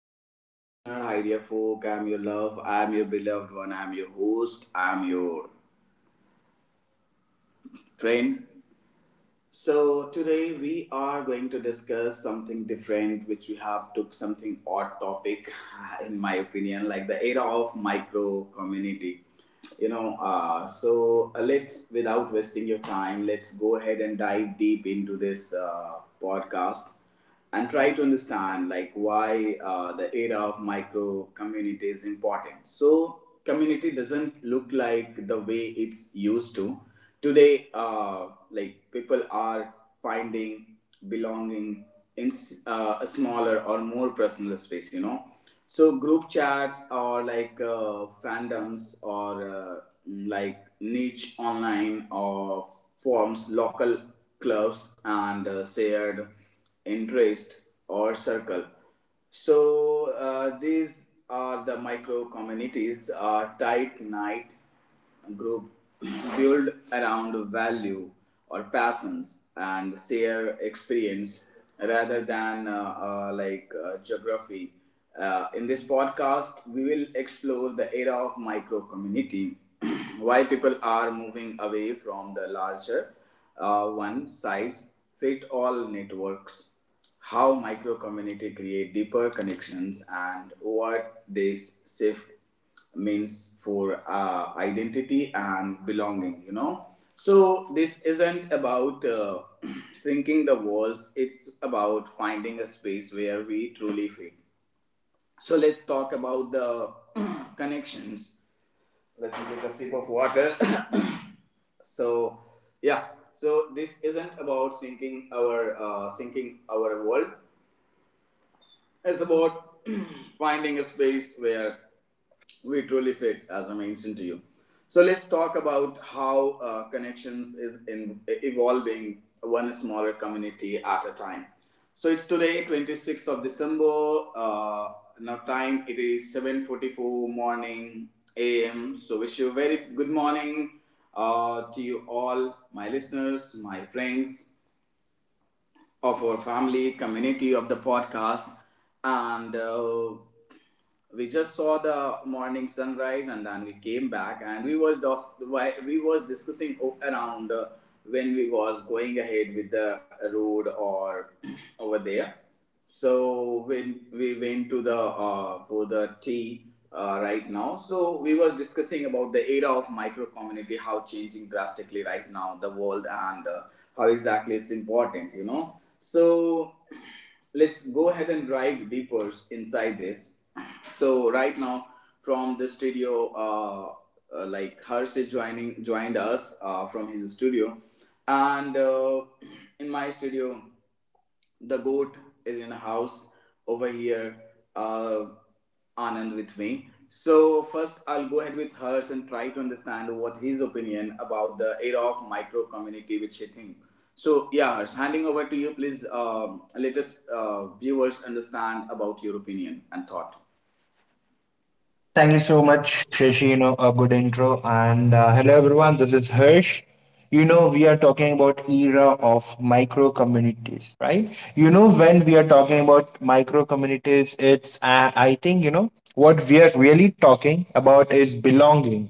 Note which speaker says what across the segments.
Speaker 1: Hello, hi dear listener, hi dear folk. I'm your love, I'm your beloved one, I'm your host, I'm your friend. So today we are going to discuss something different, which we have took something odd topic, in my opinion, like the era of micro community. You know, so let's without wasting your time, let's go ahead and dive deep into this podcast and try to understand like why the era of micro community is important. So community doesn't look like the way it's used to today, like people are finding belonging in a smaller or more personal space, so group chats, or like fandoms, or like niche online or forms, local clubs, and shared interest or circle. So these are the micro communities, are tight knit group built around value or passions and share experience rather than like geography. In this podcast, we will explore the era of micro community, why people are moving away from the larger one size fit all networks, how micro community create deeper connections, and what this shift means for identity and belonging. So this isn't about shrinking the walls, it's about finding a space where we truly fit. So let's talk about the connections. Let me take a sip of water. So, yeah, so this isn't about sinking our world, it's about finding a space where we truly fit, as I mentioned to you. So let's talk about how connections is evolving one smaller community at a time. So it's today, 26th of December. Now time it is 7:44 morning a.m. So wish you a very good morning to you all, my listeners, my friends of our family community of the podcast. And we just saw the morning sunrise, and then we came back, and we was discussing around, when we was going ahead with the road or over there. So when we went to the for the tea right now, so we were discussing about the era of micro community, how changing drastically right now the world. And how exactly it's important, so let's go ahead and dive deeper inside this. So right now from the studio, like Harsh is joining joined us from his studio, and in my studio the goat is in a house over here, uh Anand with me. So first I'll go ahead with Hers and try to understand what his opinion about the era of micro community, which she think. So, yeah, Hers, handing over to you, please. Let us viewers understand about your opinion and thought.
Speaker 2: Thank you so much, Shashi. A good intro. And Hello, everyone. This is Hirsch. We are talking about era of micro communities, right? When we are talking about micro communities, it's I think what we are really talking about is belonging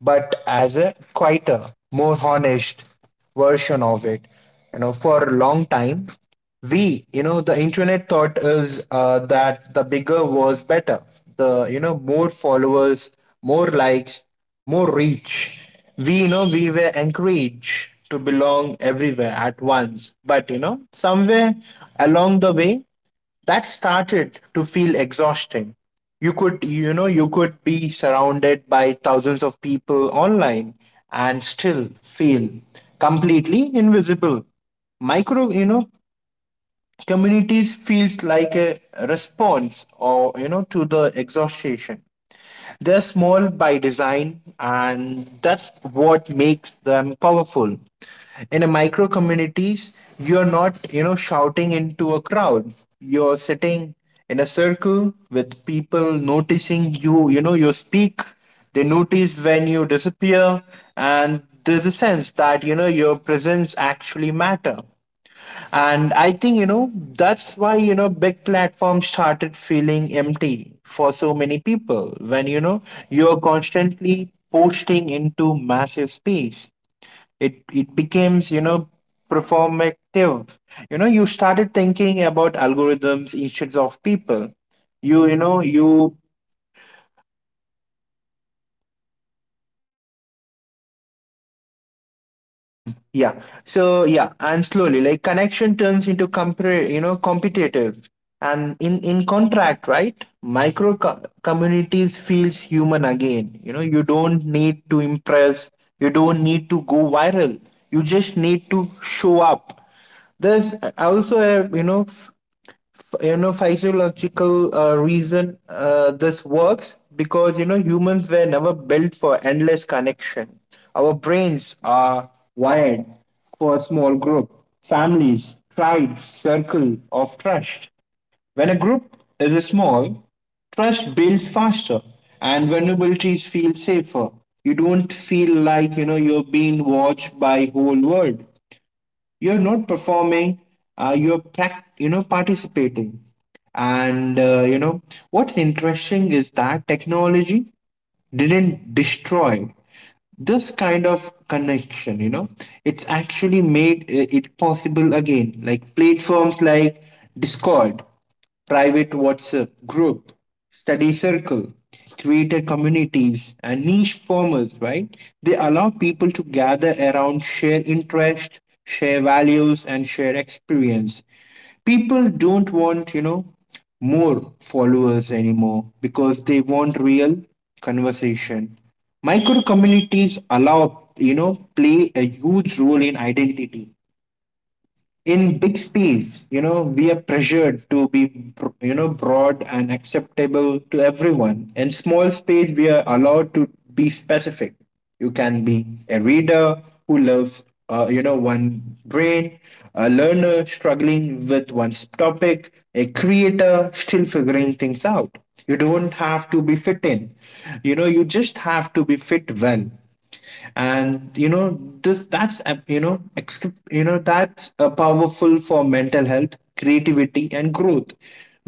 Speaker 2: but as a quieter, more honest version of it. For a long time, the internet thought is that the bigger was better. More followers, more likes, more reach. We were encouraged to belong everywhere at once. But, somewhere along the way, that started to feel exhausting. You could be surrounded by thousands of people online and still feel completely invisible. Micro communities feels like a response or you know to the exhaustion. They're small by design, and that's what makes them powerful. In a micro communities, you're not, shouting into a crowd. You're sitting in a circle with people noticing you, you speak, they notice when you disappear, and there's a sense that, your presence actually matter. And I think, that's why, big platforms started feeling empty for so many people. When, you're constantly posting into massive space, it becomes, performative. You started thinking about algorithms instead of people. You know, you Yeah. So yeah, and slowly like connection turns into compare, competitive. And in contract, right? Micro communities feels human again. You don't need to impress. You don't need to go viral. You just need to show up. There's also a physiological reason this works because humans were never built for endless connection. Our brains are wired for a small group: families, tribes, circle of trust. When a group is small, trust builds faster and vulnerabilities feel safer. You don't feel like you're being watched by whole world. You're not performing, you're participating. And what's interesting is that technology didn't destroy this kind of connection, it's actually made it possible again, like platforms like Discord, private WhatsApp group, study circle, creator communities, and niche formats, right? They allow people to gather around, share interest, share values, and share experience. People don't want, more followers anymore because they want real conversation. Micro communities allow, play a huge role in identity. In big space, we are pressured to be broad and acceptable to everyone. In small space we are allowed to be specific. You can be a reader who loves, one brain, a learner struggling with one topic, a creator still figuring things out. You don't have to be fit in, you just have to be fit well. And you know this that's a- you know ex- you know That's powerful for mental health, creativity and growth.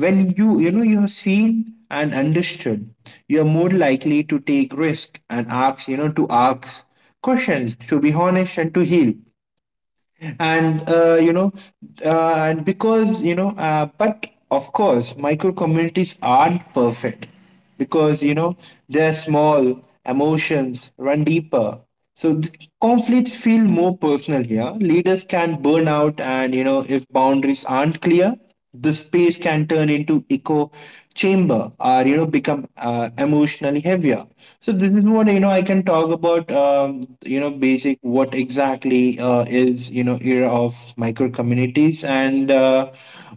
Speaker 2: When you are seen and understood, you are more likely to take risk and ask questions, to be honest and to heal. And uh, you know uh, and because but of course micro communities aren't perfect because they're small, emotions run deeper, so conflicts feel more personal here, leaders can burn out, and if boundaries aren't clear, the space can turn into echo chamber or become emotionally heavier. So this is what I can talk about, basic what exactly is era of micro communities and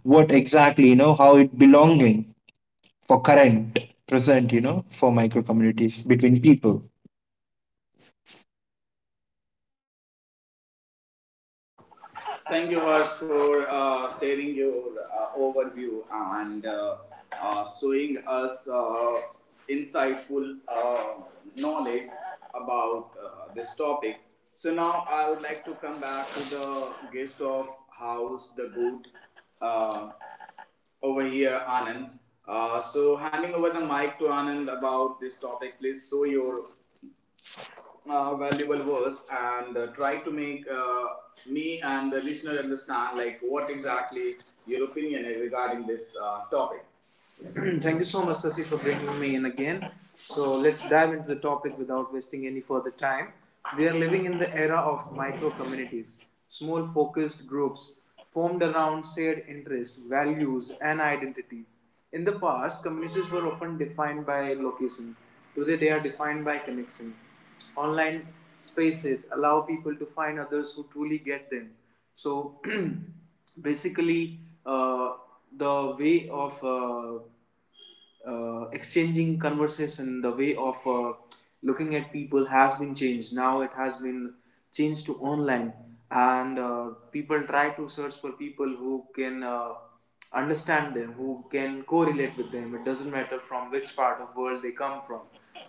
Speaker 2: what exactly how it belonging for current present, for micro communities between people.
Speaker 1: Thank you, Harsh, for sharing your overview, and showing us insightful knowledge about this topic. So now I would like to come back to the guest of house, the good, uh, over here, Anand. So handing over the mic to Anand about this topic, please show your valuable words, and try to make me and the listener understand like what exactly your opinion is regarding this topic. Thank you so much, Sasi, for bringing me in again. So let's dive into the topic without wasting any further time. We are living in the era of micro communities, small focused groups formed around shared interests, values, and identities. In the past, communities were often defined by location. Today, they are defined by connection. Online spaces allow people to find others who truly get them. So, basically, uh, the way of exchanging conversation, the way of looking at people has been changed. Now it has been changed to online, and people try to search for people who can understand them, who can correlate with them. It doesn't matter from which part of world they come from,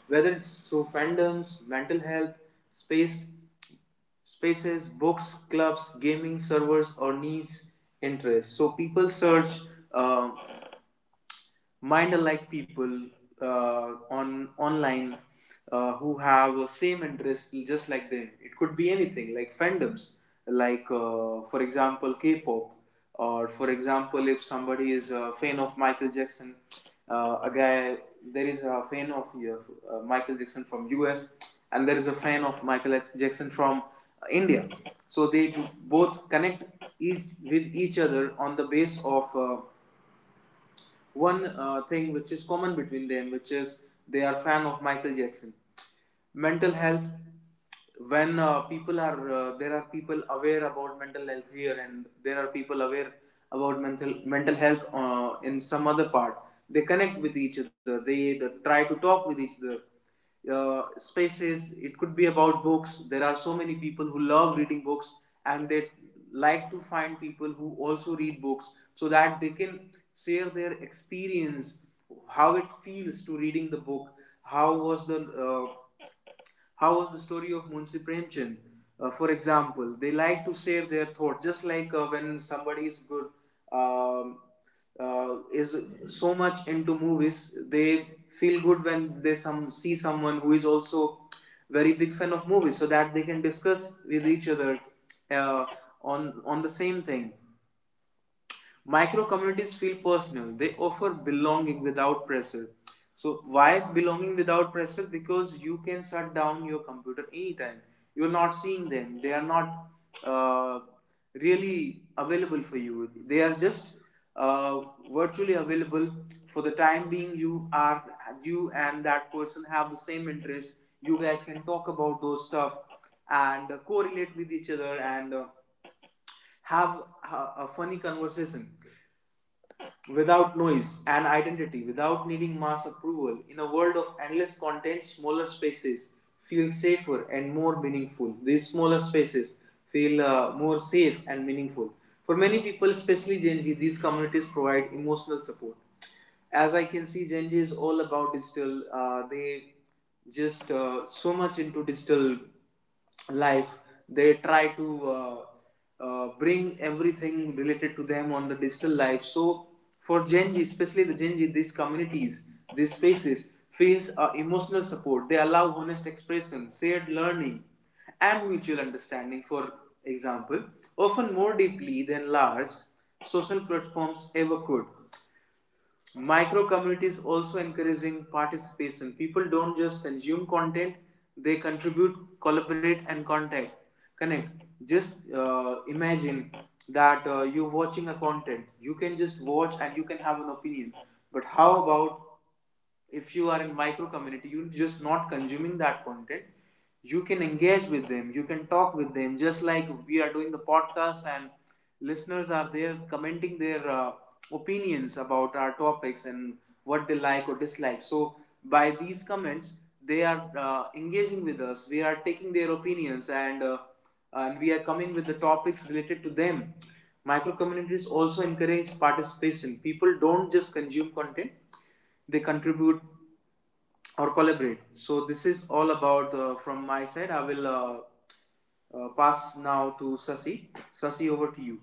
Speaker 1: whether it's through fandoms, mental health, space, spaces, books, clubs, gaming servers, or niche interests. So people search um mind alike people on online, who have same interest just like them. It could be anything like fandoms, like for example K-pop, or for example if somebody is a fan of Michael Jackson, a guy there is a fan of Michael Jackson from US, and there is a fan of Michael Jackson from India. So they do both connect each with each other on the base of one thing which is common between them, which is they are fan of Michael Jackson. Mental health, when people are there are people aware about mental health here, and there are people aware about mental health in some other part, they connect with each other, they try to talk with each other. Spaces, it could be about books. There are so many people who love reading books, and they like to find people who also read books, so that they can share their experience, how it feels to reading the book. How was the uh, story of Munshi Premchand? For example, they like to share their thoughts, just like when somebody is good, um, is so much into movies, they feel good when they some see someone who is also very big fan of movies, so that they can discuss with each other uh, on the same thing. Micro communities feel personal. They offer belonging without pressure. So why belonging without pressure? Because you can shut down your computer anytime. You're not seeing them. They are not uh, really available for you. They are just uh, virtually available for the time being. You are you, and that person have the same interest. You guys can talk about those stuff and correlate with each other, and have a funny conversation without noise and identity, without needing mass approval. In a world of endless content, smaller spaces feel safer and more meaningful. These smaller spaces feel more safe and meaningful. For many people, especially Gen Z, these communities provide emotional support. As I can see, Gen Z is all about digital. They just so much into digital life. They try to bring everything related to them on the digital life. So for Gen Z, especially the Gen Z, these communities, these spaces feels emotional support. They allow honest expression, shared learning, and mutual understanding. For example, often more deeply than large social platforms ever could. Micro communities also encouraging participation. People don't just consume content, they contribute, collaborate, and contact, connect. Just imagine that you're watching a content, you can just watch, and you can have an opinion. But how about if you are in micro community? You're just not consuming that content, you can engage with them, you can talk with them, just like we are doing the podcast, and listeners are there commenting their opinions about our topics, and what they like or dislike. So by these comments they are engaging with us, we are taking their opinions, and we are coming with the topics related to them. Micro communities also encourage participation, people don't just consume content, they contribute or collaborate. So this is all about from my side. I will pass now to Sasi. Sasi, over to you.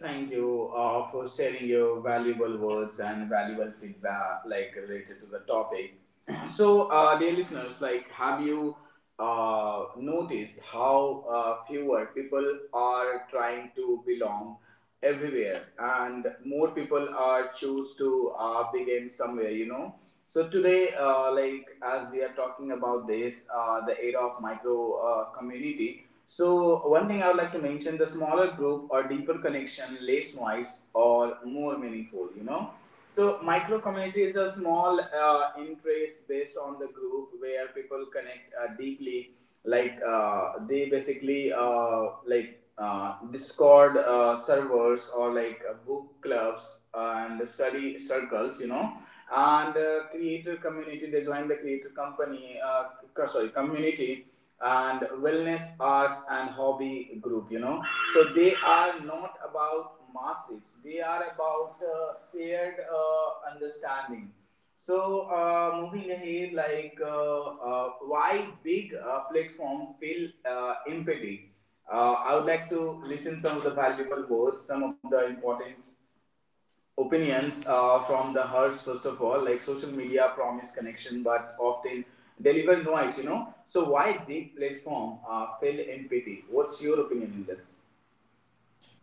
Speaker 1: Thank you for sharing your valuable words and valuable feedback, like related to the topic. So, dear listeners, like, have you noticed how fewer people are trying to belong everywhere, and more people are choose to begin somewhere? You know. So today, like, as we are talking about this, the era of micro community, so one thing I would like to mention: the smaller group or deeper connection, less noise or more meaningful. You know, so micro community is a small interest based on the group where people connect deeply. Like they basically, like Discord servers, or like book clubs and study circles. You know, and creator community they join the creator company sorry community and wellness arts and hobby group. So they are not about mass reach, they are about shared understanding. So moving ahead, like why big platform feel empathy. I would like to listen some of the valuable words, some of the important opinions from the hers. First of all, like, social media promise connection but often deliver noise, you know. So why big platform fail in pity? What's your opinion in this?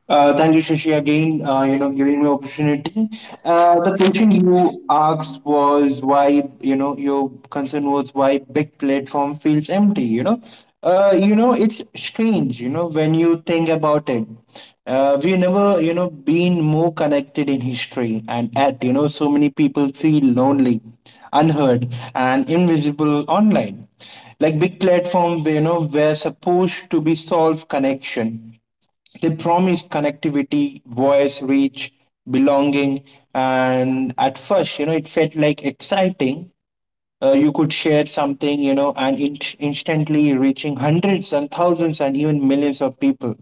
Speaker 2: Thank you, Shashi, again, giving me opportunity. The question you asked was why, your concern was why big platform feels empty, It's strange, when you think about it. We never, been more connected in history, and at, so many people feel lonely, unheard and invisible online. Like big platform, were supposed to be solve connection. They promised connectivity, voice, reach, belonging, and at first, it felt like exciting. You could share something, and instantly reaching hundreds and thousands and even millions of people.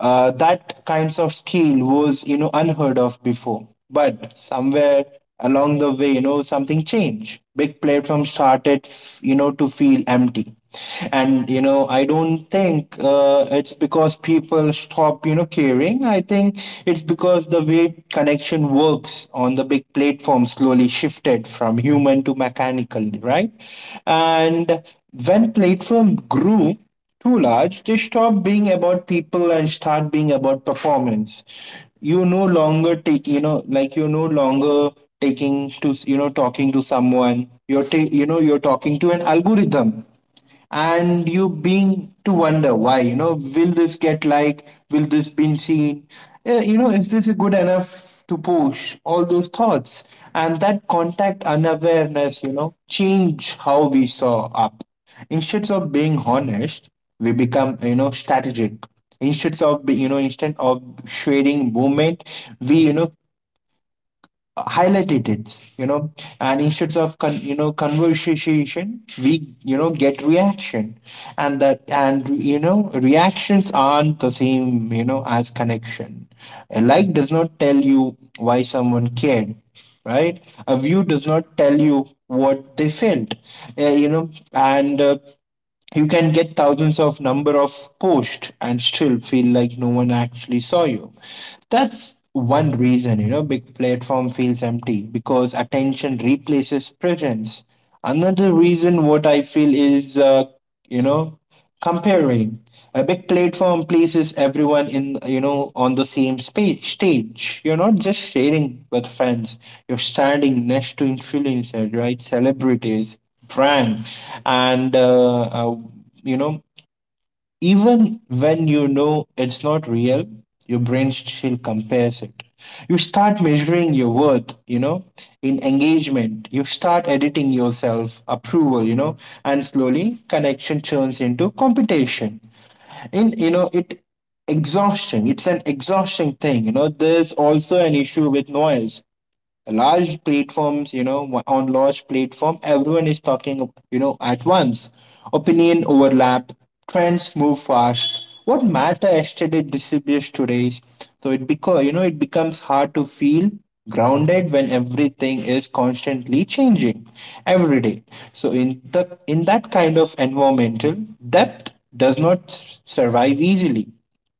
Speaker 2: That kinds of skill was unheard of before. But somewhere along the way, something changed. Big platforms started to feel empty, and I don't think it's because people stop caring. I think it's because the way connection works on the big platform slowly shifted from human to mechanical, right? And when platform grew too large, they stop being about people and start being about performance. You no longer take, like you're no longer taking to, talking to someone. You're, you're talking to an algorithm, and you being to wonder why. Will this get like? Will this been seen? Is this good enough to push all those thoughts? And that contact unawareness, change how we saw up. Instead of being honest, we become strategic. Instead of shading movement, we highlighted it. And instead of con- you know conversation, we get reaction, and that and you know reactions aren't the same as connection. A like does not tell you why someone cared, right? A view does not tell you what they felt. You know and You can get thousands of number of posts and still feel like no one actually saw you. That's one reason, big platform feels empty because attention replaces presence. Another reason what I feel is, you know, comparing. A big platform places everyone in, on the same stage. You're not just sharing with friends, you're standing next to influencers, right, celebrities, brand, and you know even when it's not real, your brain still compares it. You start measuring your worth, in engagement. You start editing yourself, approval, and slowly connection turns into competition. It exhausting. It's an exhausting thing. There's also an issue with noise. Large platforms, on large platform, everyone is talking, at once. Opinion overlap, trends move fast. What matter yesterday disappears today. So it because it becomes hard to feel grounded when everything is constantly changing every day. So in the in that kind of environmental depth does not survive easily,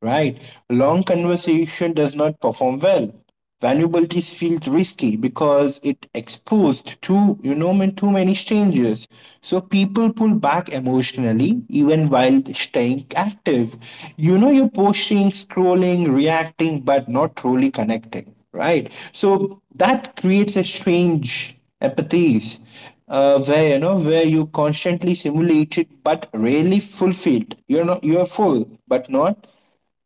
Speaker 2: right? Long conversation does not perform well. Vulnerabilities feels risky because it exposed to, too many strangers. So people pull back emotionally even while staying active. You're posting, scrolling, reacting, but not truly connecting, right? So that creates a strange empathies, where where you constantly simulated but rarely fulfilled. You're full but not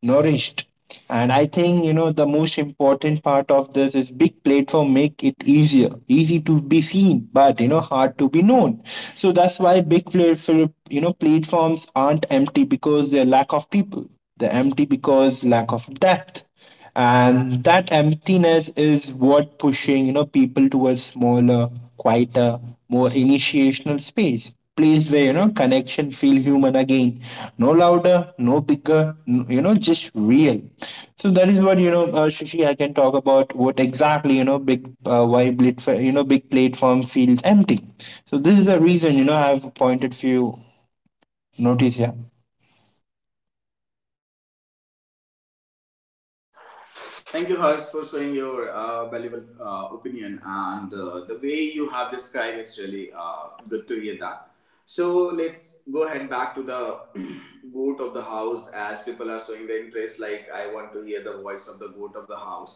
Speaker 2: nourished. And I think the most important part of this is big platform make it easier easy to be seen but hard to be known. So that's why big platform, platforms aren't empty because they lack of people, they're empty because lack of depth. And that emptiness is what pushing people towards smaller, quieter, more initiational space place where connection feel human again, no louder, no bigger, just real. So that is what Shishi, I can talk about what exactly big why blit you know big platform feels empty. So this is the reason, I've pointed few notice here.
Speaker 1: Thank you, hers, for showing your valuable opinion, and the way you have described, it's really good to hear that. So let's go ahead back to the goat of the house, as people are showing the interest. Like, I want to hear the voice of the goat of the house.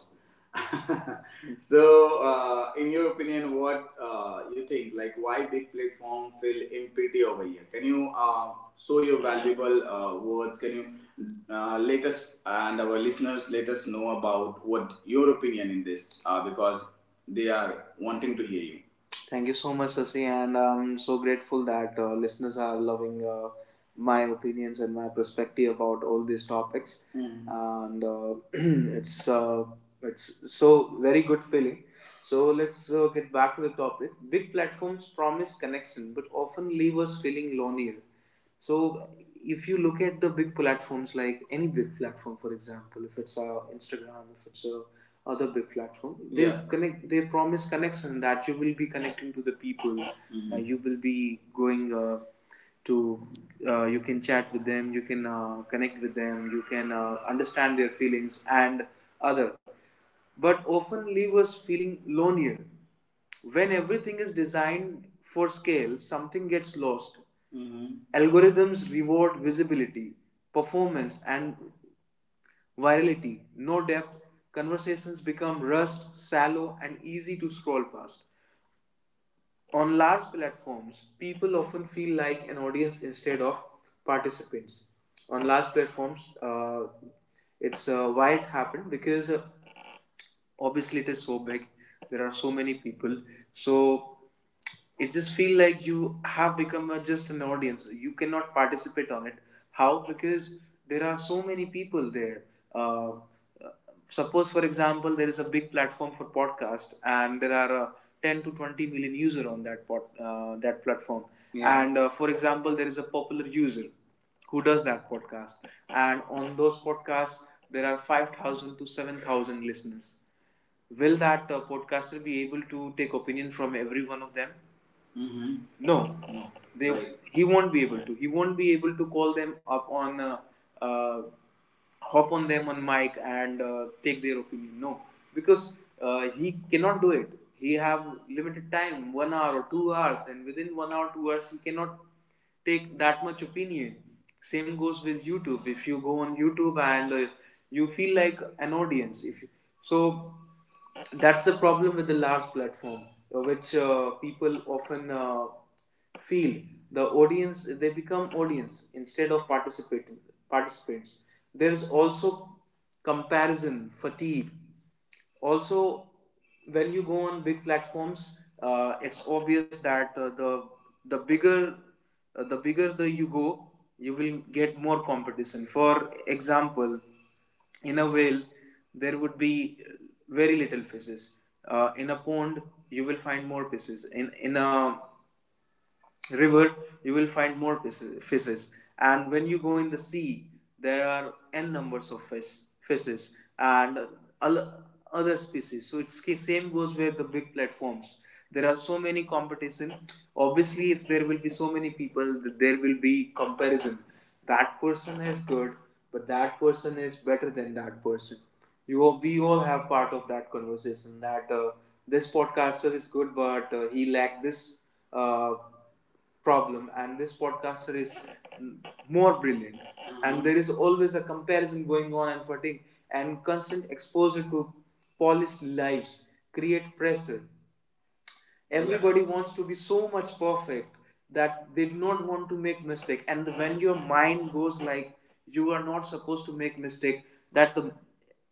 Speaker 1: So, in your opinion, what you think? Like, why big platform feel empty over here? Can you show your valuable words? Can you let us and our listeners let us know about what your opinion in this? Because they are wanting to hear you. Thank you so much, Sasi, and I'm so grateful that listeners are loving my opinions and my perspective about all these topics. Mm. And it's uh, it's so very good feeling. So let's get back to the topic. Big platforms promise connection, but often leave us feeling lonelier. So if you look at the big platforms, like any big platform, for example, if it's a Instagram, if it's a other big platform, they Yeah. connect, they promise connection that you will be connecting to the people Mm-hmm. You will be going to you can chat with them, you can connect with them, you can understand their feelings and other, but often leave us feeling lonelier. When everything is designed for scale, something gets lost. Mm-hmm. Algorithms reward visibility, performance, and virality, no depth. Conversations become rust, shallow, and easy to scroll past. On large platforms, people often feel like an audience instead of participants. On large platforms, it's why it happened? Because obviously it is so big, there are so many people. So it just feel like you have become a, just an audience, you cannot participate on it. How? Because there are so many people there. uh, Suppose, for example, there is a big platform for podcast and there are 10 to 20 million user on that platform Yeah. and for example, there is a popular user who does that podcast, and on those podcasts there are 5,000 to 7,000 listeners. Will that podcaster be able to take opinion from every one of them? Mm-hmm. no No. they Right. He won't be able to call them up on uh, hop on them on mic and take their opinion, no, because he cannot do it. He have limited time, 1 hour or 2 hours, and within 1 hour 2 hours he cannot take that much opinion. Same goes with YouTube, if you go on YouTube and you feel like an audience if you, so that's the problem with the large platform, which people often feel the audience, they become audience instead of participating participants. There is also comparison fatigue also. When you go on big platforms, it's obvious that the bigger the bigger the you go, you will get more competition. For example, in a whale there would be very little fishes. In a pond you will find more fishes in a river, you will find more fishes, and when you go in the sea, there are n numbers of fishes and al- other species. So it's same goes with the big platforms. There are so many competition. Obviously, if there will be so many people, there will be comparison. That person is good, but that person is better than that person. You all, we all have part of that conversation that this podcaster is good, but he lacked this uh, problem, and this podcaster is more brilliant. And there is always a comparison going on, and fatigue, and constant exposure to polished lives create pressure. Everybody yeah. wants to be so much perfect, that they do not want to make mistake. And when your mind goes like you are not supposed to make mistake, that the,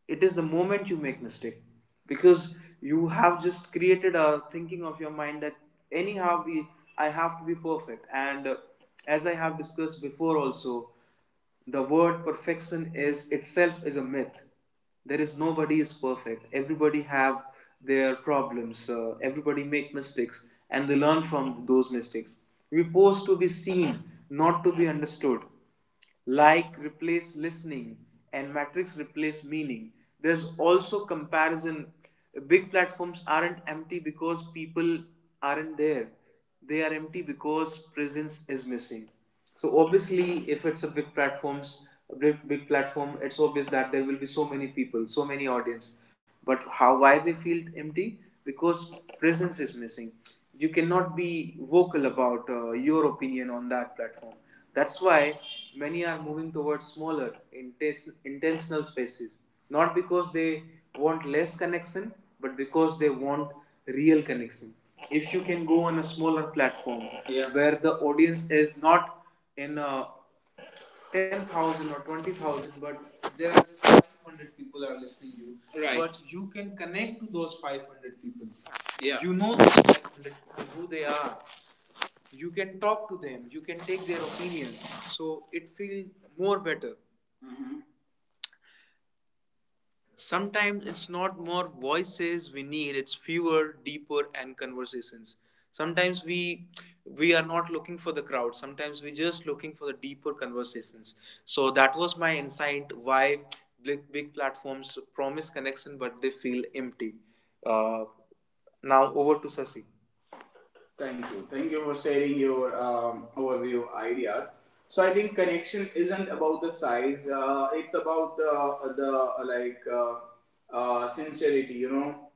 Speaker 1: it is the moment you make mistake, because you have just created a thinking of your mind that anyhow we I have to be perfect. And as I have discussed before also, the word perfection is itself is a myth. There is nobody is perfect. Everybody have their problems, everybody make mistakes and they learn from those mistakes. We pose to be seen, not to be understood. Like replace listening, and matrix replace meaning. There's also comparison. Big platforms aren't empty because people aren't there. They are empty because presence is missing. So obviously, if it's a big platforms, a big, big platform, it's obvious that there will be so many people, so many audience, but how why they feel empty? Because presence is missing. You cannot be vocal about your opinion on that platform. That's why many are moving towards smaller intentional spaces, not because they want less connection, but because they want real connection. If you can go on a smaller platform Yeah. where the audience is not in a 10,000 or 20,000, but there are just 500 people are listening to you. Right. But you can connect to those 500 people. Yeah. You know those 500 people, who they are. You can talk to them, you can take their opinion. So it feels more better. Sometimes it's not more voices we need, it's fewer, deeper, and conversations. Sometimes we are not looking for the crowd. Sometimes we're just looking for the deeper conversations. So that was my insight why big platforms promise connection but they feel empty. Uh, now over to Sasi. Thank you. Thank you for sharing your overview ideas. So I think connection isn't about the size. It's about the like sincerity, you know.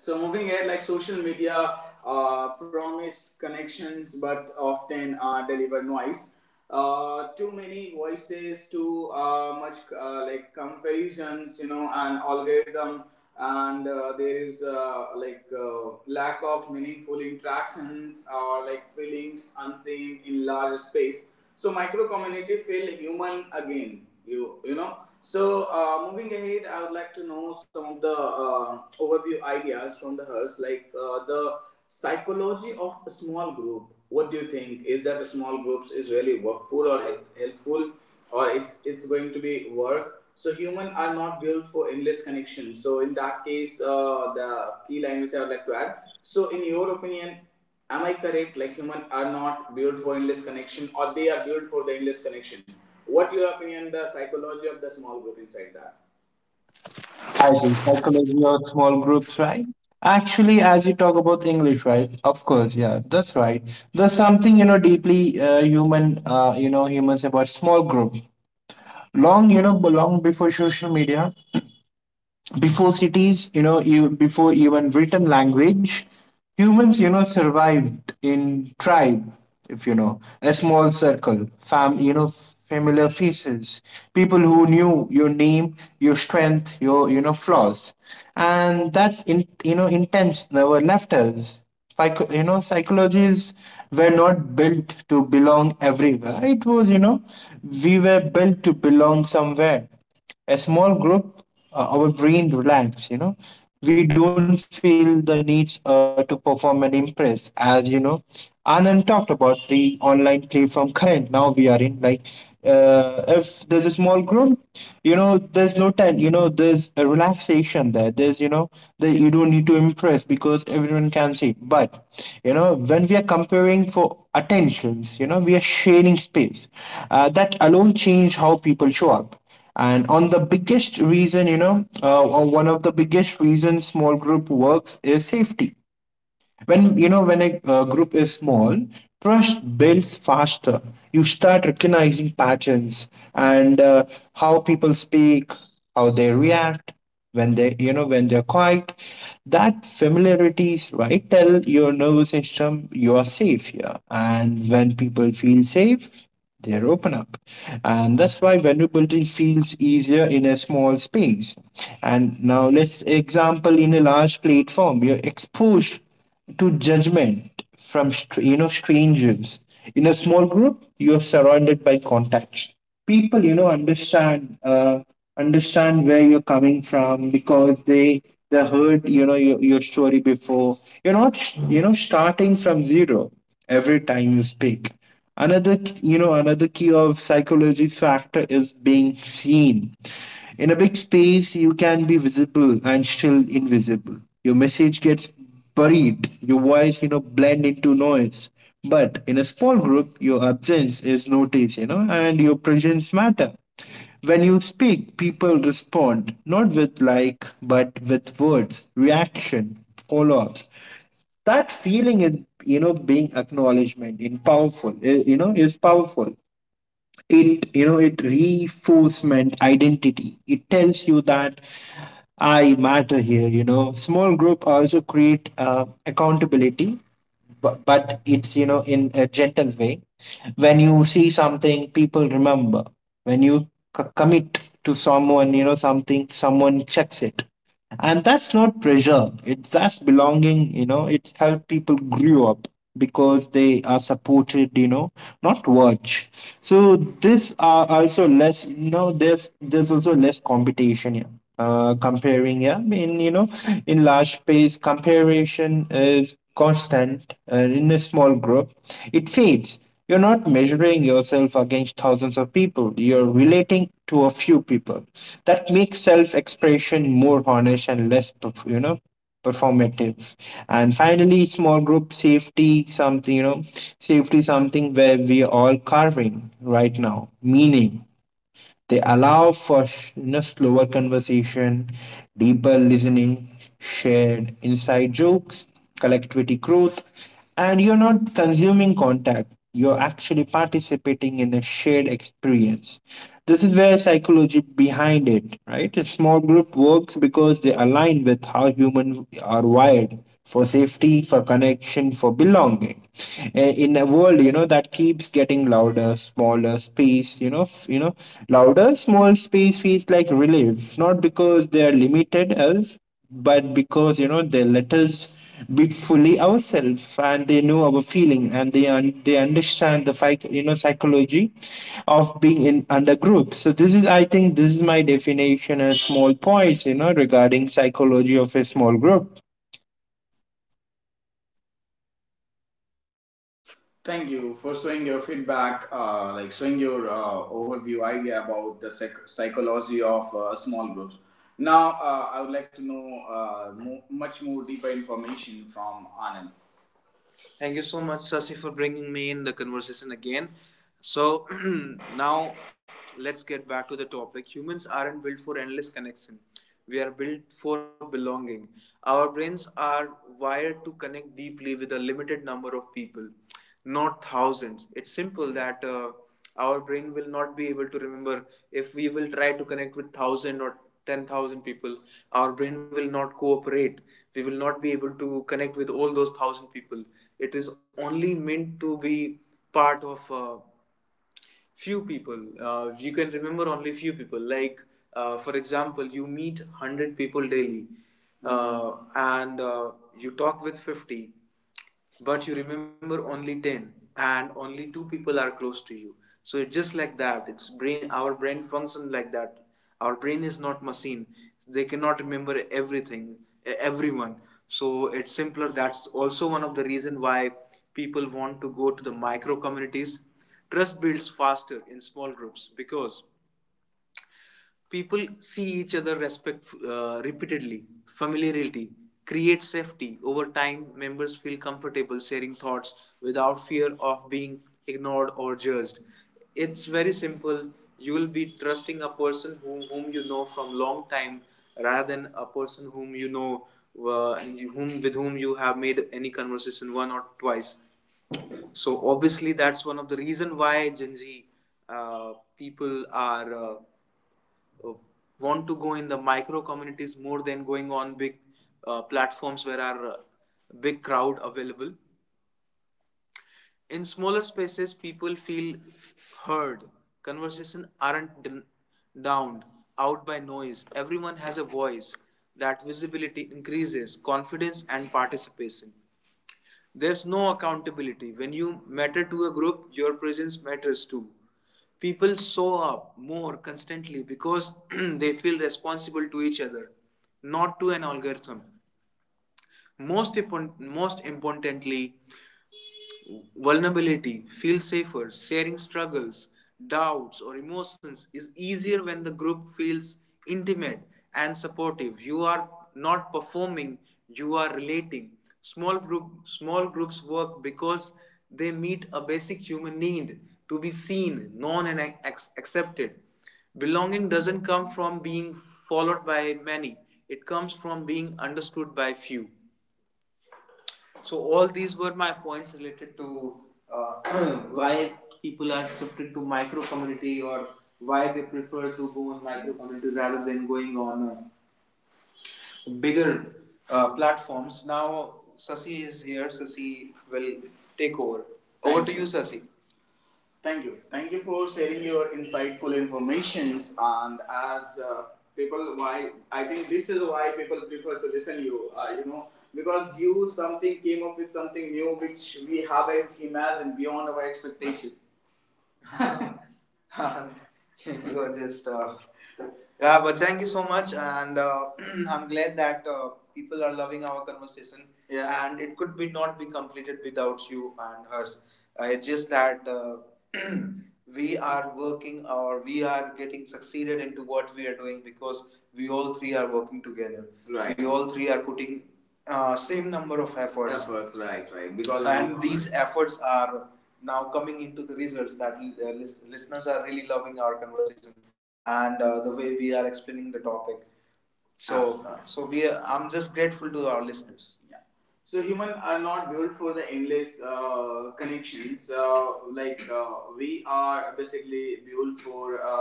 Speaker 1: So moving ahead, like, social media promise connections but often deliver noise. Too many voices, too much like comparisons, you know, and algorithm, and there is like lack of meaningful interactions or like feelings unseen in large space. So micro community feel human again. You know. So moving ahead, I would like to know some of the overview ideas from the hers, like the psychology of a small group. What do you think? Is that a small groups is really workful or helpful, or it's going to be work? So human are not built for endless connection. So in that case, the key language I would like to add. So in your opinion, am I correct? Like, humans are not built for endless connection, or they are built for the endless connection? What your opinion, the psychology of the small group inside that?
Speaker 2: As in psychology or small groups, right? Actually, as you talk about English, right? Of course, yeah, that's right. There's something deeply human, humans about small groups. Long, long before social media, before cities, you know you before even written language, humans survived in tribe, if you know a small circle, familiar faces, people who knew your name, your strength, your flaws. And that's in, intense, never left us. Psychologies were not built to belong everywhere. It was, we were built to belong somewhere, a small group, our brain relax, We don't feel the needs to perform and impress, as you know. Anand talked about the online platform current now we are in. Like, if there's a small group, there's no time, there's a relaxation there. There's, that you don't need to impress because everyone can see. But when we are comparing for attentions, we are sharing space. That alone change how people show up, and on the biggest reason or one of the biggest reasons small group works is safety. When you know when a group is small, trust builds faster. You start recognizing patterns and how people speak, how they react, when they're quiet. That familiarities, right, tell your nervous system you are safe here, and when people feel safe, they open up, and that's why vulnerability feels easier in a small space. And now let's example, in a large platform you're exposed to judgment from strangers. In a small group you are surrounded by contacts, people understand understand where you're coming from, because they heard your story before. You're not, starting from zero every time you speak. Another you know another key of psychology's factor is being seen. In a big space you can be visible and still invisible. Your message gets buried, your voice blend into noise. But in a small group your absence is noticed, and your presence matter. When you speak, people respond not with like but with words, reaction, follow-ups. That feeling is, being acknowledgement in powerful, is powerful. It you know it reinforcement identity. It tells you that I matter here. Small group also create accountability, but it's, in a gentle way. When you see something, people remember. When you commit to someone, something, someone checks it. And that's not pressure, it's, that's belonging. It's help people grew up because they are supported, not watch. So this are also less, there's also less competition here, comparing. Yeah, I mean, in large space comparison is constant. In a small group it fades. You're not measuring yourself against thousands of people, you're relating to a few people. That makes self-expression more honest and less performative. And finally, small group safety, something, safety, something where we all carving right now, meaning, they allow for, slower conversation, deeper listening, shared inside jokes, collectivity growth, and you're not consuming contact. You're actually participating in a shared experience. This is where psychology behind it, right? A small group works because they align with how humans are wired for safety, for connection, for belonging. In a world, that keeps getting louder, smaller space, louder, small space feels like relief. Not because they're limited as, but because, they let us be fully ourselves, and they know our feeling, and they they understand the psychology of being in under group. So this is, I think, this is my definition as small points, regarding psychology of a small group.
Speaker 1: Thank you for showing your feedback, like showing your overview idea about the psychology of small groups. Now, I would like to know much more deeper information from Anand. Thank you so much, Sasi, for bringing me in the conversation again. So now let's get back to the topic. Humans aren't built for endless connection. We are built for belonging. Our brains are wired to connect deeply with a limited number of people, not thousands. It's simple that our brain will not be able to remember if we will try to connect with 1,000 or 10,000 people. Our brain will not cooperate. We will not be able to connect with all those 1,000 people. It is only meant to be part of few people. You can remember only few people. Like, for example, you meet 100 people daily, and you talk with 50, but you remember only 10, and only two people are close to you. So it's just like that. It's brain. Our brain function like that. Our brain is not machine. They cannot remember everything, everyone. So it's simpler. That's also one of the reason why people want to go to the micro communities. Trust builds faster in small groups because people see each other respect repeatedly. Familiarity creates safety. Over time, members feel comfortable sharing thoughts without fear of being ignored or judged. It's very simple. You will be trusting a person whom you know from long time, rather than a person whom you know whom with whom you have made any conversation one or twice. So obviously, that's one of the reason why Gen Z people are uh, want to go in the micro communities more than going on big platforms where are big crowd available. In smaller spaces, people feel heard. Conversation aren't downed out by noise. Everyone has a voice. That visibility increases confidence and participation. There's no accountability. When you matter to a group, your presence matters too. People show up more constantly because they feel responsible to each other, not to an algorithm. Most importantly, vulnerability feel safer. Sharing struggles, doubts, or emotions is easier when the group feels intimate and supportive. You are not performing, you are relating. Small groups work because they meet a basic human need to be seen, known, and accepted. Belonging doesn't come from being followed by many, it comes from being understood by few. So all these were my points related to why people are shifted to micro community, or why they prefer to go on micro community rather than going on bigger platforms. Now Sasi is here. Sasi will take over. Over Thank to you. You, Sasi. Thank you. Thank you for sharing your insightful informations. And as people, why I think this is why people prefer to listen you. Because you something came up with something new which we haven't imagined beyond our expectation. And you are just yeah, but thank you so much. And I'm glad that people are loving our conversation, yeah, and it could be not be completed without you and hers. It's just that we are working, or we are getting succeeded into what we are doing, because we all three are working together. Right. We all three are putting same number of efforts, and these efforts are now coming into the results that listeners are really loving our conversation. Absolutely. And the way we are explaining the topic. So we are, I'm just grateful to our listeners. Yeah. So humans are not built for the endless connections. Like uh, we are basically built for uh,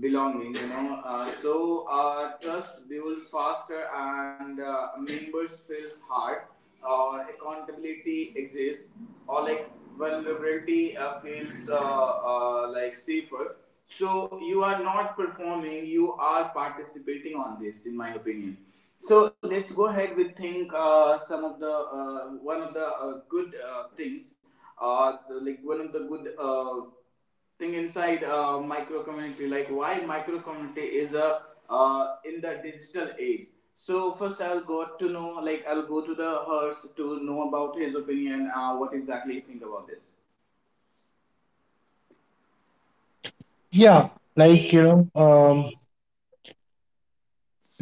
Speaker 1: belonging, you know. So trust builds faster, and members feels hard, accountability exists, or like vulnerability feels like safer. So you are not performing, you are participating on this in my opinion. So let's go ahead with think some of the one of the good things, uh, like one of the good thing inside micro community, like why micro community is a in the digital age. So first I'll got to know, like I'll go to the hers to know about his opinion, what exactly he think about this.
Speaker 2: Yeah, like you know, um,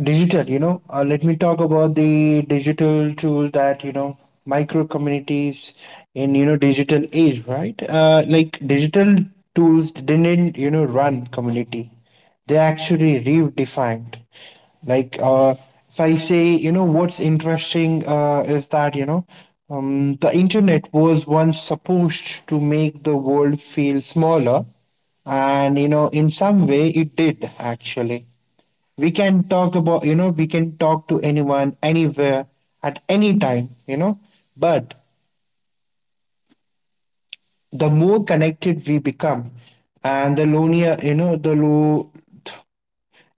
Speaker 2: digital, let me talk about the digital tool that, micro communities in, digital age, right? Like, digital tools didn't, run community, they actually redefined. like uh, if I say, what's interesting is that, the internet was once supposed to make the world feel smaller, and, in some way it did, actually. We can talk about, we can talk to anyone, anywhere, at any time. But the more connected we become, and the lonelier, you know the low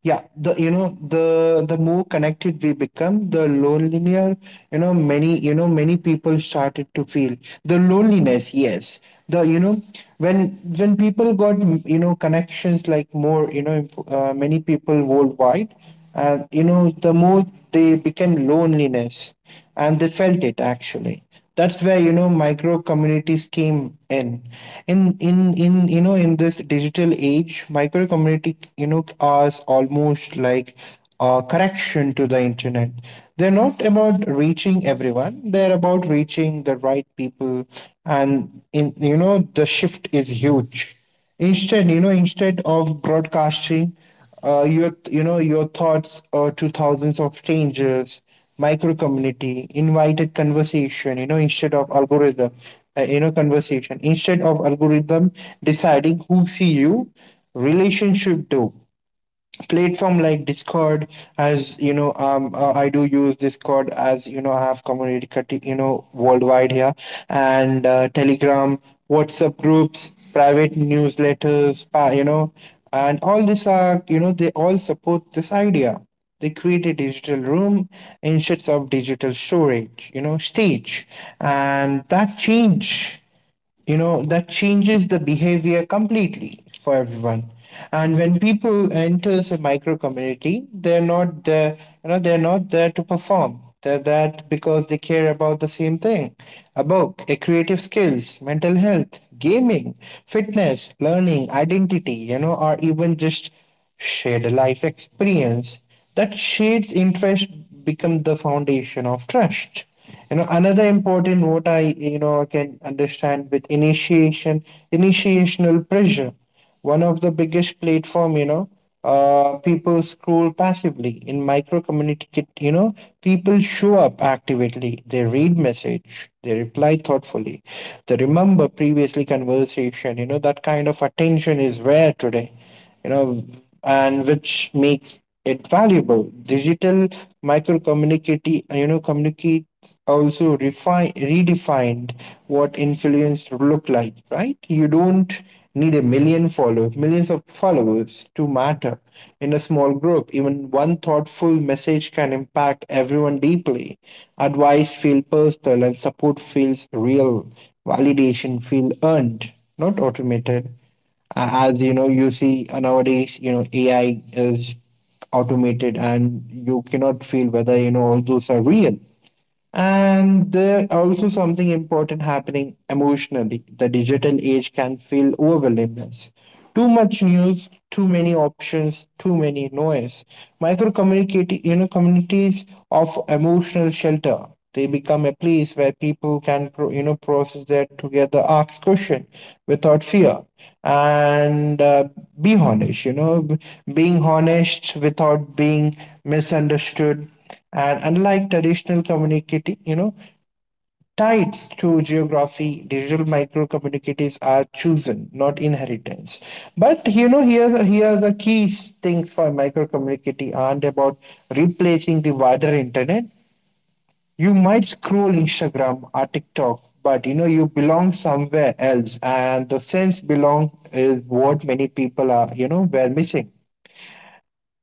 Speaker 2: yeah the you know the more connected we become, the lonelier, many people started to feel the loneliness. Yes, the, when when people got, connections like more, many people worldwide, the more they became loneliness, and they felt it actually. That's where, micro communities came in. In this digital age, micro community, are almost like a correction to the internet. They're not about reaching everyone, they're about reaching the right people. And, in you know the shift is huge. Instead of broadcasting your you know your thoughts to thousands of strangers, micro community invited conversation. Instead of algorithm, conversation instead of algorithm deciding who see you, relationship do. Platform like Discord, as you know I do use Discord, as, I have community worldwide here, and Telegram, WhatsApp groups, private newsletters, and all these are, they all support this idea. They create a digital room instead of digital storage, stage. And that change, that changes the behavior completely for everyone. And when people enter a micro community, they're not there, they're not there to perform, they're that because they care about the same thing, about creative skills, mental health, gaming, fitness, learning, identity, or even just shared life experience. That shades interest become the foundation of trust. Another important what I, can understand with initiation, initiational pressure. One of the biggest platform, people scroll passively. In micro communicate, people show up actively. They read message, they reply thoughtfully, they remember previously conversation. That kind of attention is rare today, you know, and which makes it valuable. Digital micro communicati, communicates also refine, redefined what influence look like, right? You don't need a million followers, millions of followers, to matter in a small group. Even one thoughtful message can impact everyone deeply. Advice feels personal and support feels real. Validation feels earned, not automated. As you know, you see, nowadays, AI is automated, and you cannot feel whether, all those are real. And there also something important happening emotionally. The digital age can feel overwhelming. Too much news, too many options, too many noise. Micro community, communities of emotional shelter. They become a place where people can, process their together, ask question without fear, and be honest. Being honest without being misunderstood. And unlike traditional community, tides to geography, digital micro communities are chosen, not inheritance. But, here the, here the key things for micro community aren't about replacing the wider internet. You might scroll Instagram or TikTok, but, you belong somewhere else, and the sense belong is what many people are, were missing.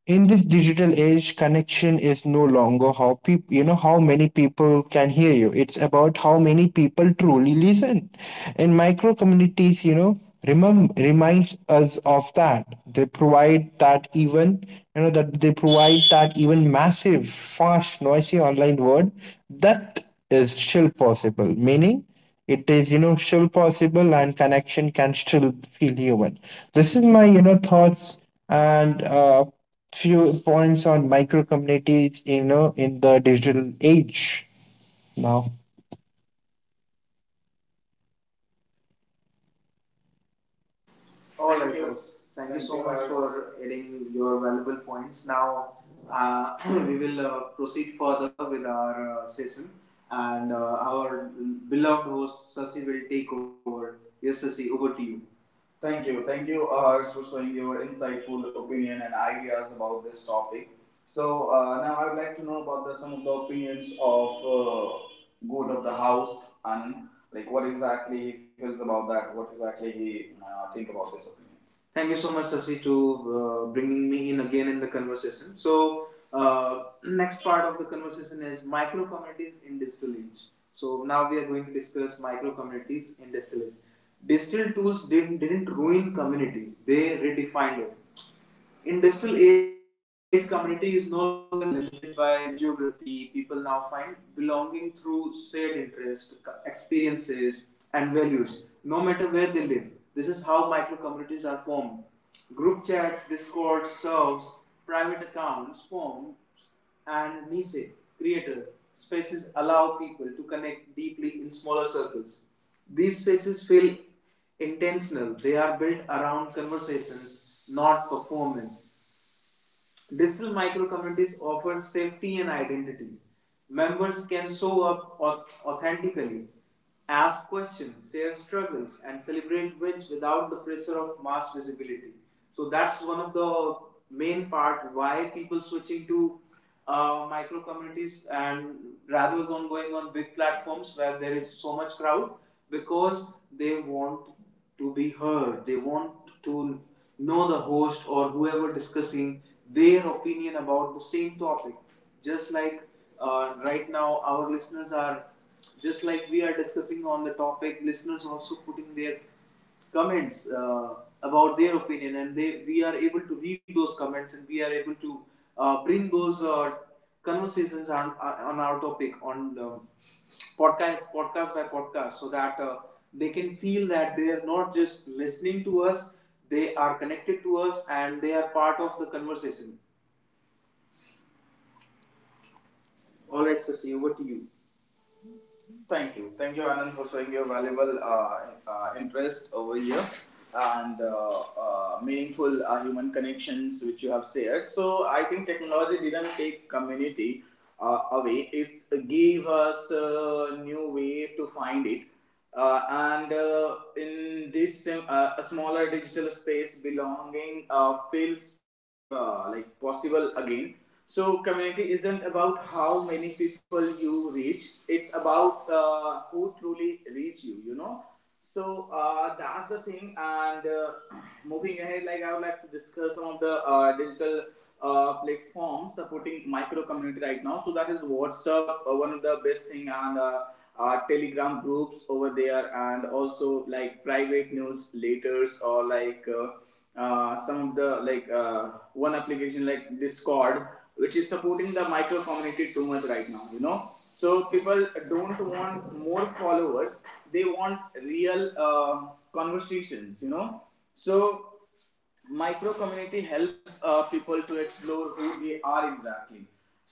Speaker 2: In this digital age, connection is no longer how people, how many people can hear you, it's about how many people truly listen. And micro communities, reminds us of that. They provide that, even, you know that they provide that, even massive, fast, noisy online world, that is still possible, meaning, it is, still possible, and connection can still feel human. This is my, thoughts and few points on micro communities, in the digital age now.
Speaker 1: All right. Thank you. Thank you so much for adding your valuable points. Now, uh, we will proceed further with our session, and our beloved host Sasi will take over. Yes, Sasi, over to you. Thank you. Thank you, Ahars, for showing your insightful opinion and ideas about this topic. So, now I would like to know about the, some of the opinions of good of the house, and like what exactly he feels about that, what exactly he think about this opinion. Thank you so much, Sasi, to bringing me in again in the conversation. So, next part of the conversation is micro communities in digital age. So now we are going to discuss micro communities in digital age. Digital tools didn't ruin community; they redefined it. Industrial age community is no longer limited by geography. People now find belonging through shared interests, experiences, and values, no matter where they live. This is how micro communities are formed. Group chats, Discord serves, private accounts form, and niche creator spaces allow people to connect deeply in smaller circles. These spaces feel intentional. They are built around conversations, not performance. Digital micro communities offer safety and identity. Members can show up authentically, ask questions, share struggles, and celebrate wins without the pressure of mass visibility. So that's one of the main part why people switching to micro communities, and rather than going on big platforms where there is so much crowd, because they want to be heard. They want to know the host or whoever discussing their opinion about the same topic. Just like right now, our listeners are just like we are discussing on the topic. Listeners also putting their comments about their opinion, and they we are able to read those comments, and we are able to bring those conversations on our topic on podcast by podcast, so that they can feel that they are not just listening to us, they are connected to us, and they are part of the conversation. All right, Sasi, over to you. Thank you. Thank you, Anand, for showing your valuable interest over here, and meaningful human connections which you have shared. So, I think technology didn't take community away, it's gave us a new way to find it. And in this a smaller digital space, belonging feels positive, like possible again. So community isn't about how many people you reach; it's about who truly reach you. You know. So that's the thing. And moving ahead, like I would like to discuss some of the digital platforms supporting micro community right now. So that is WhatsApp, one of the best thing, and telegram groups over there, and also like private newsletters or like some of the like one application like Discord, which is supporting the micro community too much right now, you know. So people don't want more followers, they want real conversations, you know. So micro community help people to explore who they are exactly.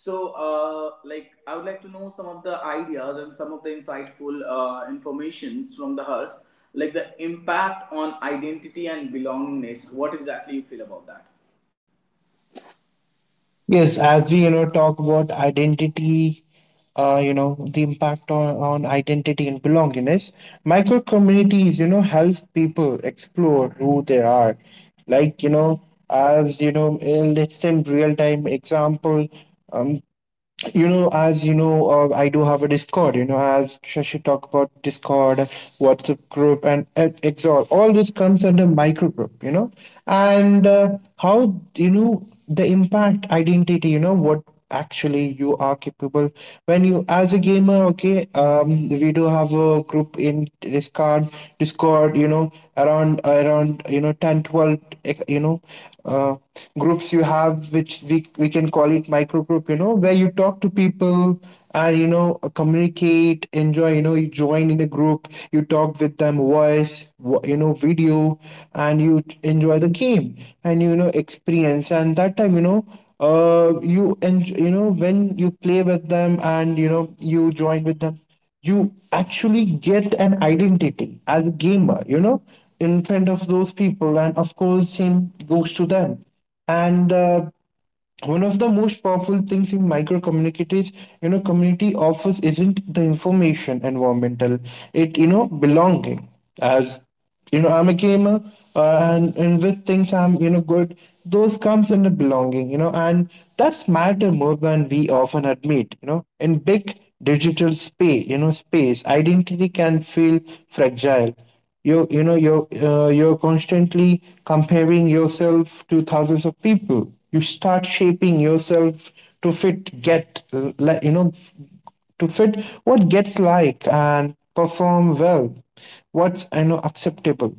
Speaker 1: So like I would like to know some of the ideas and some of the insightful informations from the hers, like the impact on identity and belongingness, what exactly you feel about that.
Speaker 2: Yes, as we, talk about identity, the impact on identity and belongingness. Micro communities, help people explore who they are. Like, as you know, let's say in real time example. um, as you know, I do have a Discord, you know, as Shashi talked about. Discord, WhatsApp group, and exhort, all this comes under micro group. And how, the impact identity, what actually you are capable. When you as a gamer, okay, we do have a group in Discord. Discord, around around, 10-12, eh, you know uh, groups you have which we can call it micro group. Where you talk to people and, communicate, enjoy, you join in a group, you talk with them, voice, video, and you enjoy the game and, experience. And that time, you know you and you know when you play with them and, you join with them, you actually get an identity as a gamer, you know, in front of those people. And of course, same goes to them. And one of the most powerful things in micro communities, you know, community offers, isn't the information environmental, it, you know, belonging. As, I'm a gamer, and with things I'm, good, those comes under belonging. And that's matter more than we often admit. In big digital space, space identity can feel fragile. You know you're You're constantly comparing yourself to thousands of people. You start shaping yourself to fit, get, to fit what gets like and perform well, what's, acceptable.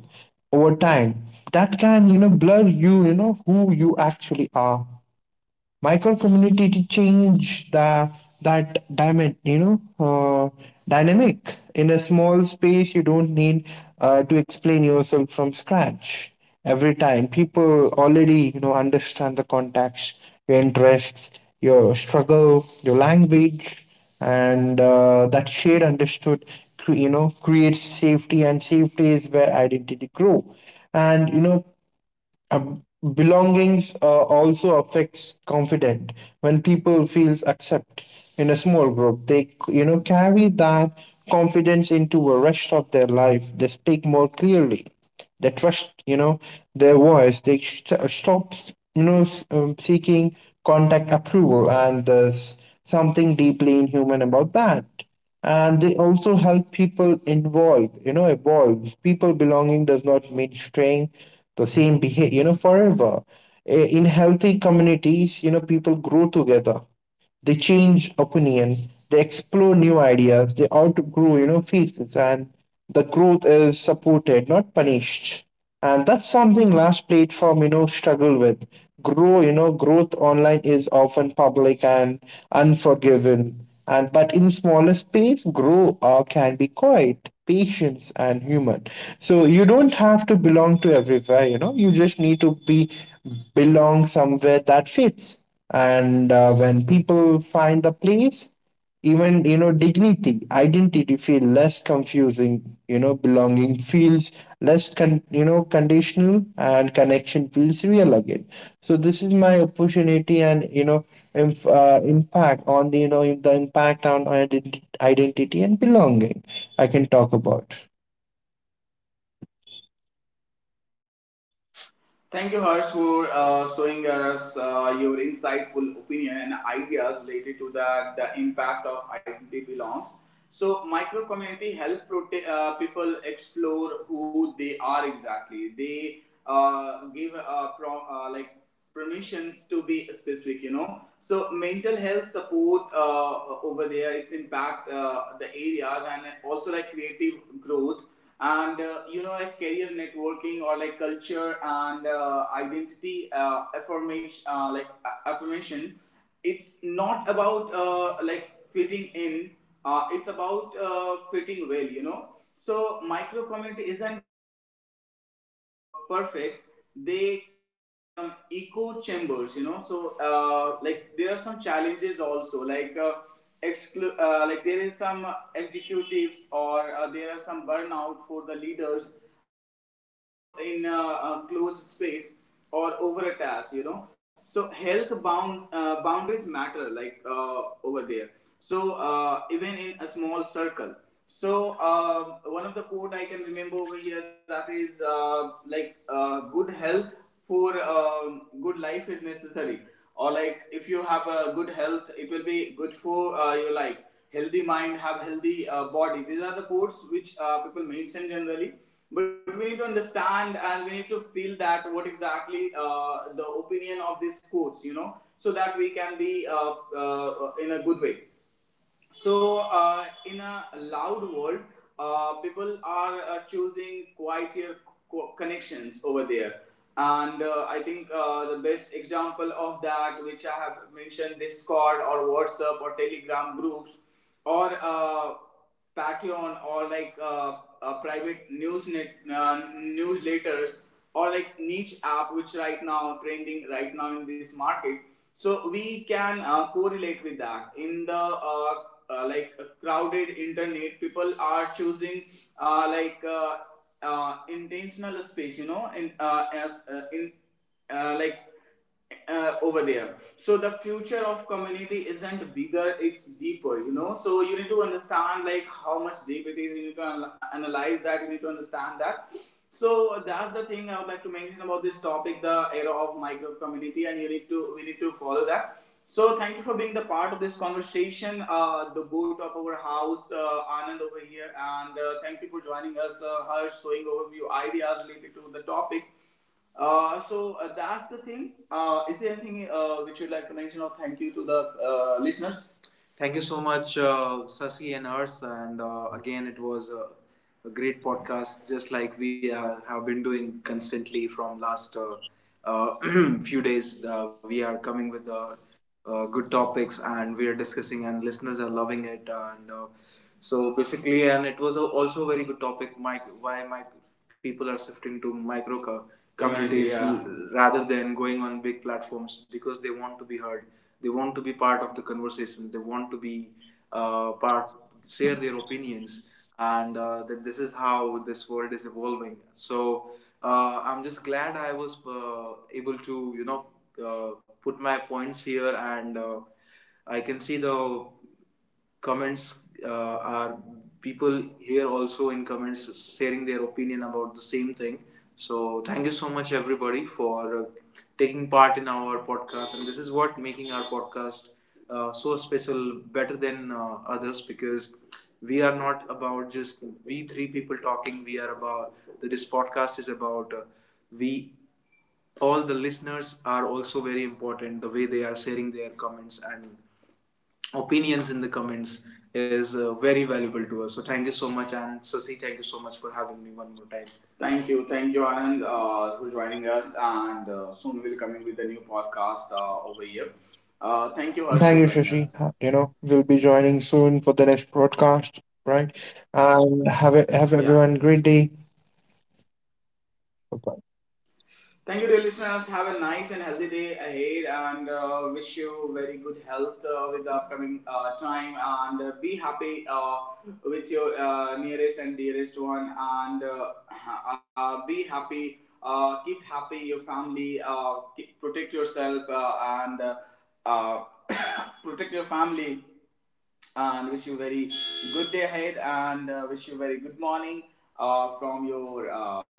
Speaker 2: Over time that can, blur you, you know who you actually are. Micro community to change the, that diamond, uh, dynamic. In a small space, you don't need to explain yourself from scratch every time. People already, understand the context, your interests, your struggle, your language, and that shared understood creates safety, and safety is where identity grow. And, uh, belongings also affects confident. When people feels accept in a small group, they, carry that confidence into the rest of their life. They speak more clearly, they trust, their voice, they stop, seeking contact approval. And there's something deeply inhuman about that. And they also help people involve, evolve people. Belonging does not mean staying the same behavior, forever. In healthy communities, people grow together. They change opinion, they explore new ideas, they outgrow, phases, and the growth is supported, not punished. And that's something large platform, struggle with. Grow, growth online is often public and unforgiven. And but in smaller space, grow can be quiet, patience, and human. So you don't have to belong to everywhere, you just need to be belong somewhere that fits. And when people find a place, even, dignity, identity feel less confusing. Belonging feels less conditional, and connection feels real again. So this is my opportunity, and, impact on the, the impact on identity and belonging I can talk about.
Speaker 1: Thank you, Harsh, for showing us your insightful opinion and ideas related to the impact of identity belongs. So, micro community help people explore who they are exactly. They give like permissions to be specific, you know. So mental health support over there its impact the areas, and also like creative growth, and you know, like career networking, or like culture and identity affirmation. It's not about like fitting in, it's about fitting well, you know. So micro community isn't perfect, they can become echo chambers, you know. So like there are some challenges also, like like there is some executives, or there are some burnout for the leaders, or conflict for in a closed space, or over a task, you know. So health boundaries matter, like over there. So even in a small circle. So one of the quote I can remember over here, that is like good health for good life is necessary, or like if you have a good health it will be good for your life. Healthy mind have healthy body, these are the quotes which people mention generally. But we need to understand, and we need to feel that what exactly the opinion of these quotes, you know, so that we can be in a good way. So, in a loud world, people are choosing quieter connections over there. And I think the best example of that, which I have mentioned, Discord or WhatsApp or Telegram groups, or Patreon, or like newsletters, or like niche app which right now trending right now in this market. So we can correlate with that in the like crowded internet, people are choosing uh, like uh, intentional space, you know, in as in like over there. So the future of community isn't bigger; it's deeper. You know, so you need to understand like how much deep it is. You need to analyze that. You need to understand that. So that's the thing I would like to mention about this topic: the era of micro community, and you need to we need to follow that. So thank you for being the part of this conversation. The goat of our house, Anand over here, and thank you for joining us, Harsh, showing overview ideas related to the topic. That's the thing. Is there anything which you'd like to mention, or thank you to the listeners? Thank you so much, Sasi and Hers. And again, it was a great podcast, just like we have been doing constantly from last uh, few days. We are coming with good topics, and we are discussing, and listeners are loving it. And so basically, and it was a, also a very good topic. My why my people are shifting to communities. Yeah. Rather than going on big platforms, because they want to be heard, they want to be part of the conversation, they want to be part, share their opinions. And that this is how this world is evolving. So I'm just glad I was able to, you know, uh, put my points here. And I can see the comments uh, are people here also in comments sharing their opinion about the same thing. So thank you so much everybody for taking part in our podcast, and this is what making our podcast so special, better than others, because we are not about just we three people talking. We are about, this podcast is about we, all the listeners are also very important, the way they are sharing their comments and opinions in the comments is very valuable to us. So thank you so much, and Sasi, thank you so much for having me one more time. Thank you, Anand, for joining us, and soon we'll coming with a new podcast over here. Thank you, Harsh,
Speaker 2: Thank you,
Speaker 1: for joining
Speaker 2: Shashi.
Speaker 1: us.
Speaker 2: We'll be joining soon for the next broadcast, right? And have a, have
Speaker 1: Yeah.
Speaker 2: everyone great day. Bye.
Speaker 1: Thank you, dear listeners. Have a nice and healthy day ahead, and wish you very good health with the upcoming time. And be happy with your nearest and dearest one, and be happy. Keep happy your family. Keep, protect yourself, and uh, protect your family. And wish you very good day ahead, and wish you very good morning from your.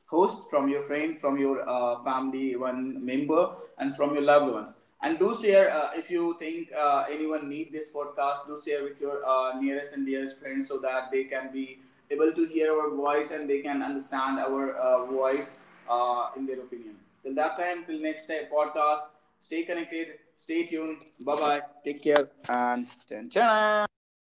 Speaker 1: Host, from your friend, from your family, one member, and from your loved ones. And do share if you think anyone need this podcast. Do share with your nearest and dearest friends, so that they can be able to hear our voice, and they can understand our voice in their opinion. Till that time, till next time podcast. Stay connected. Stay tuned. Bye bye. Take care and chan chana.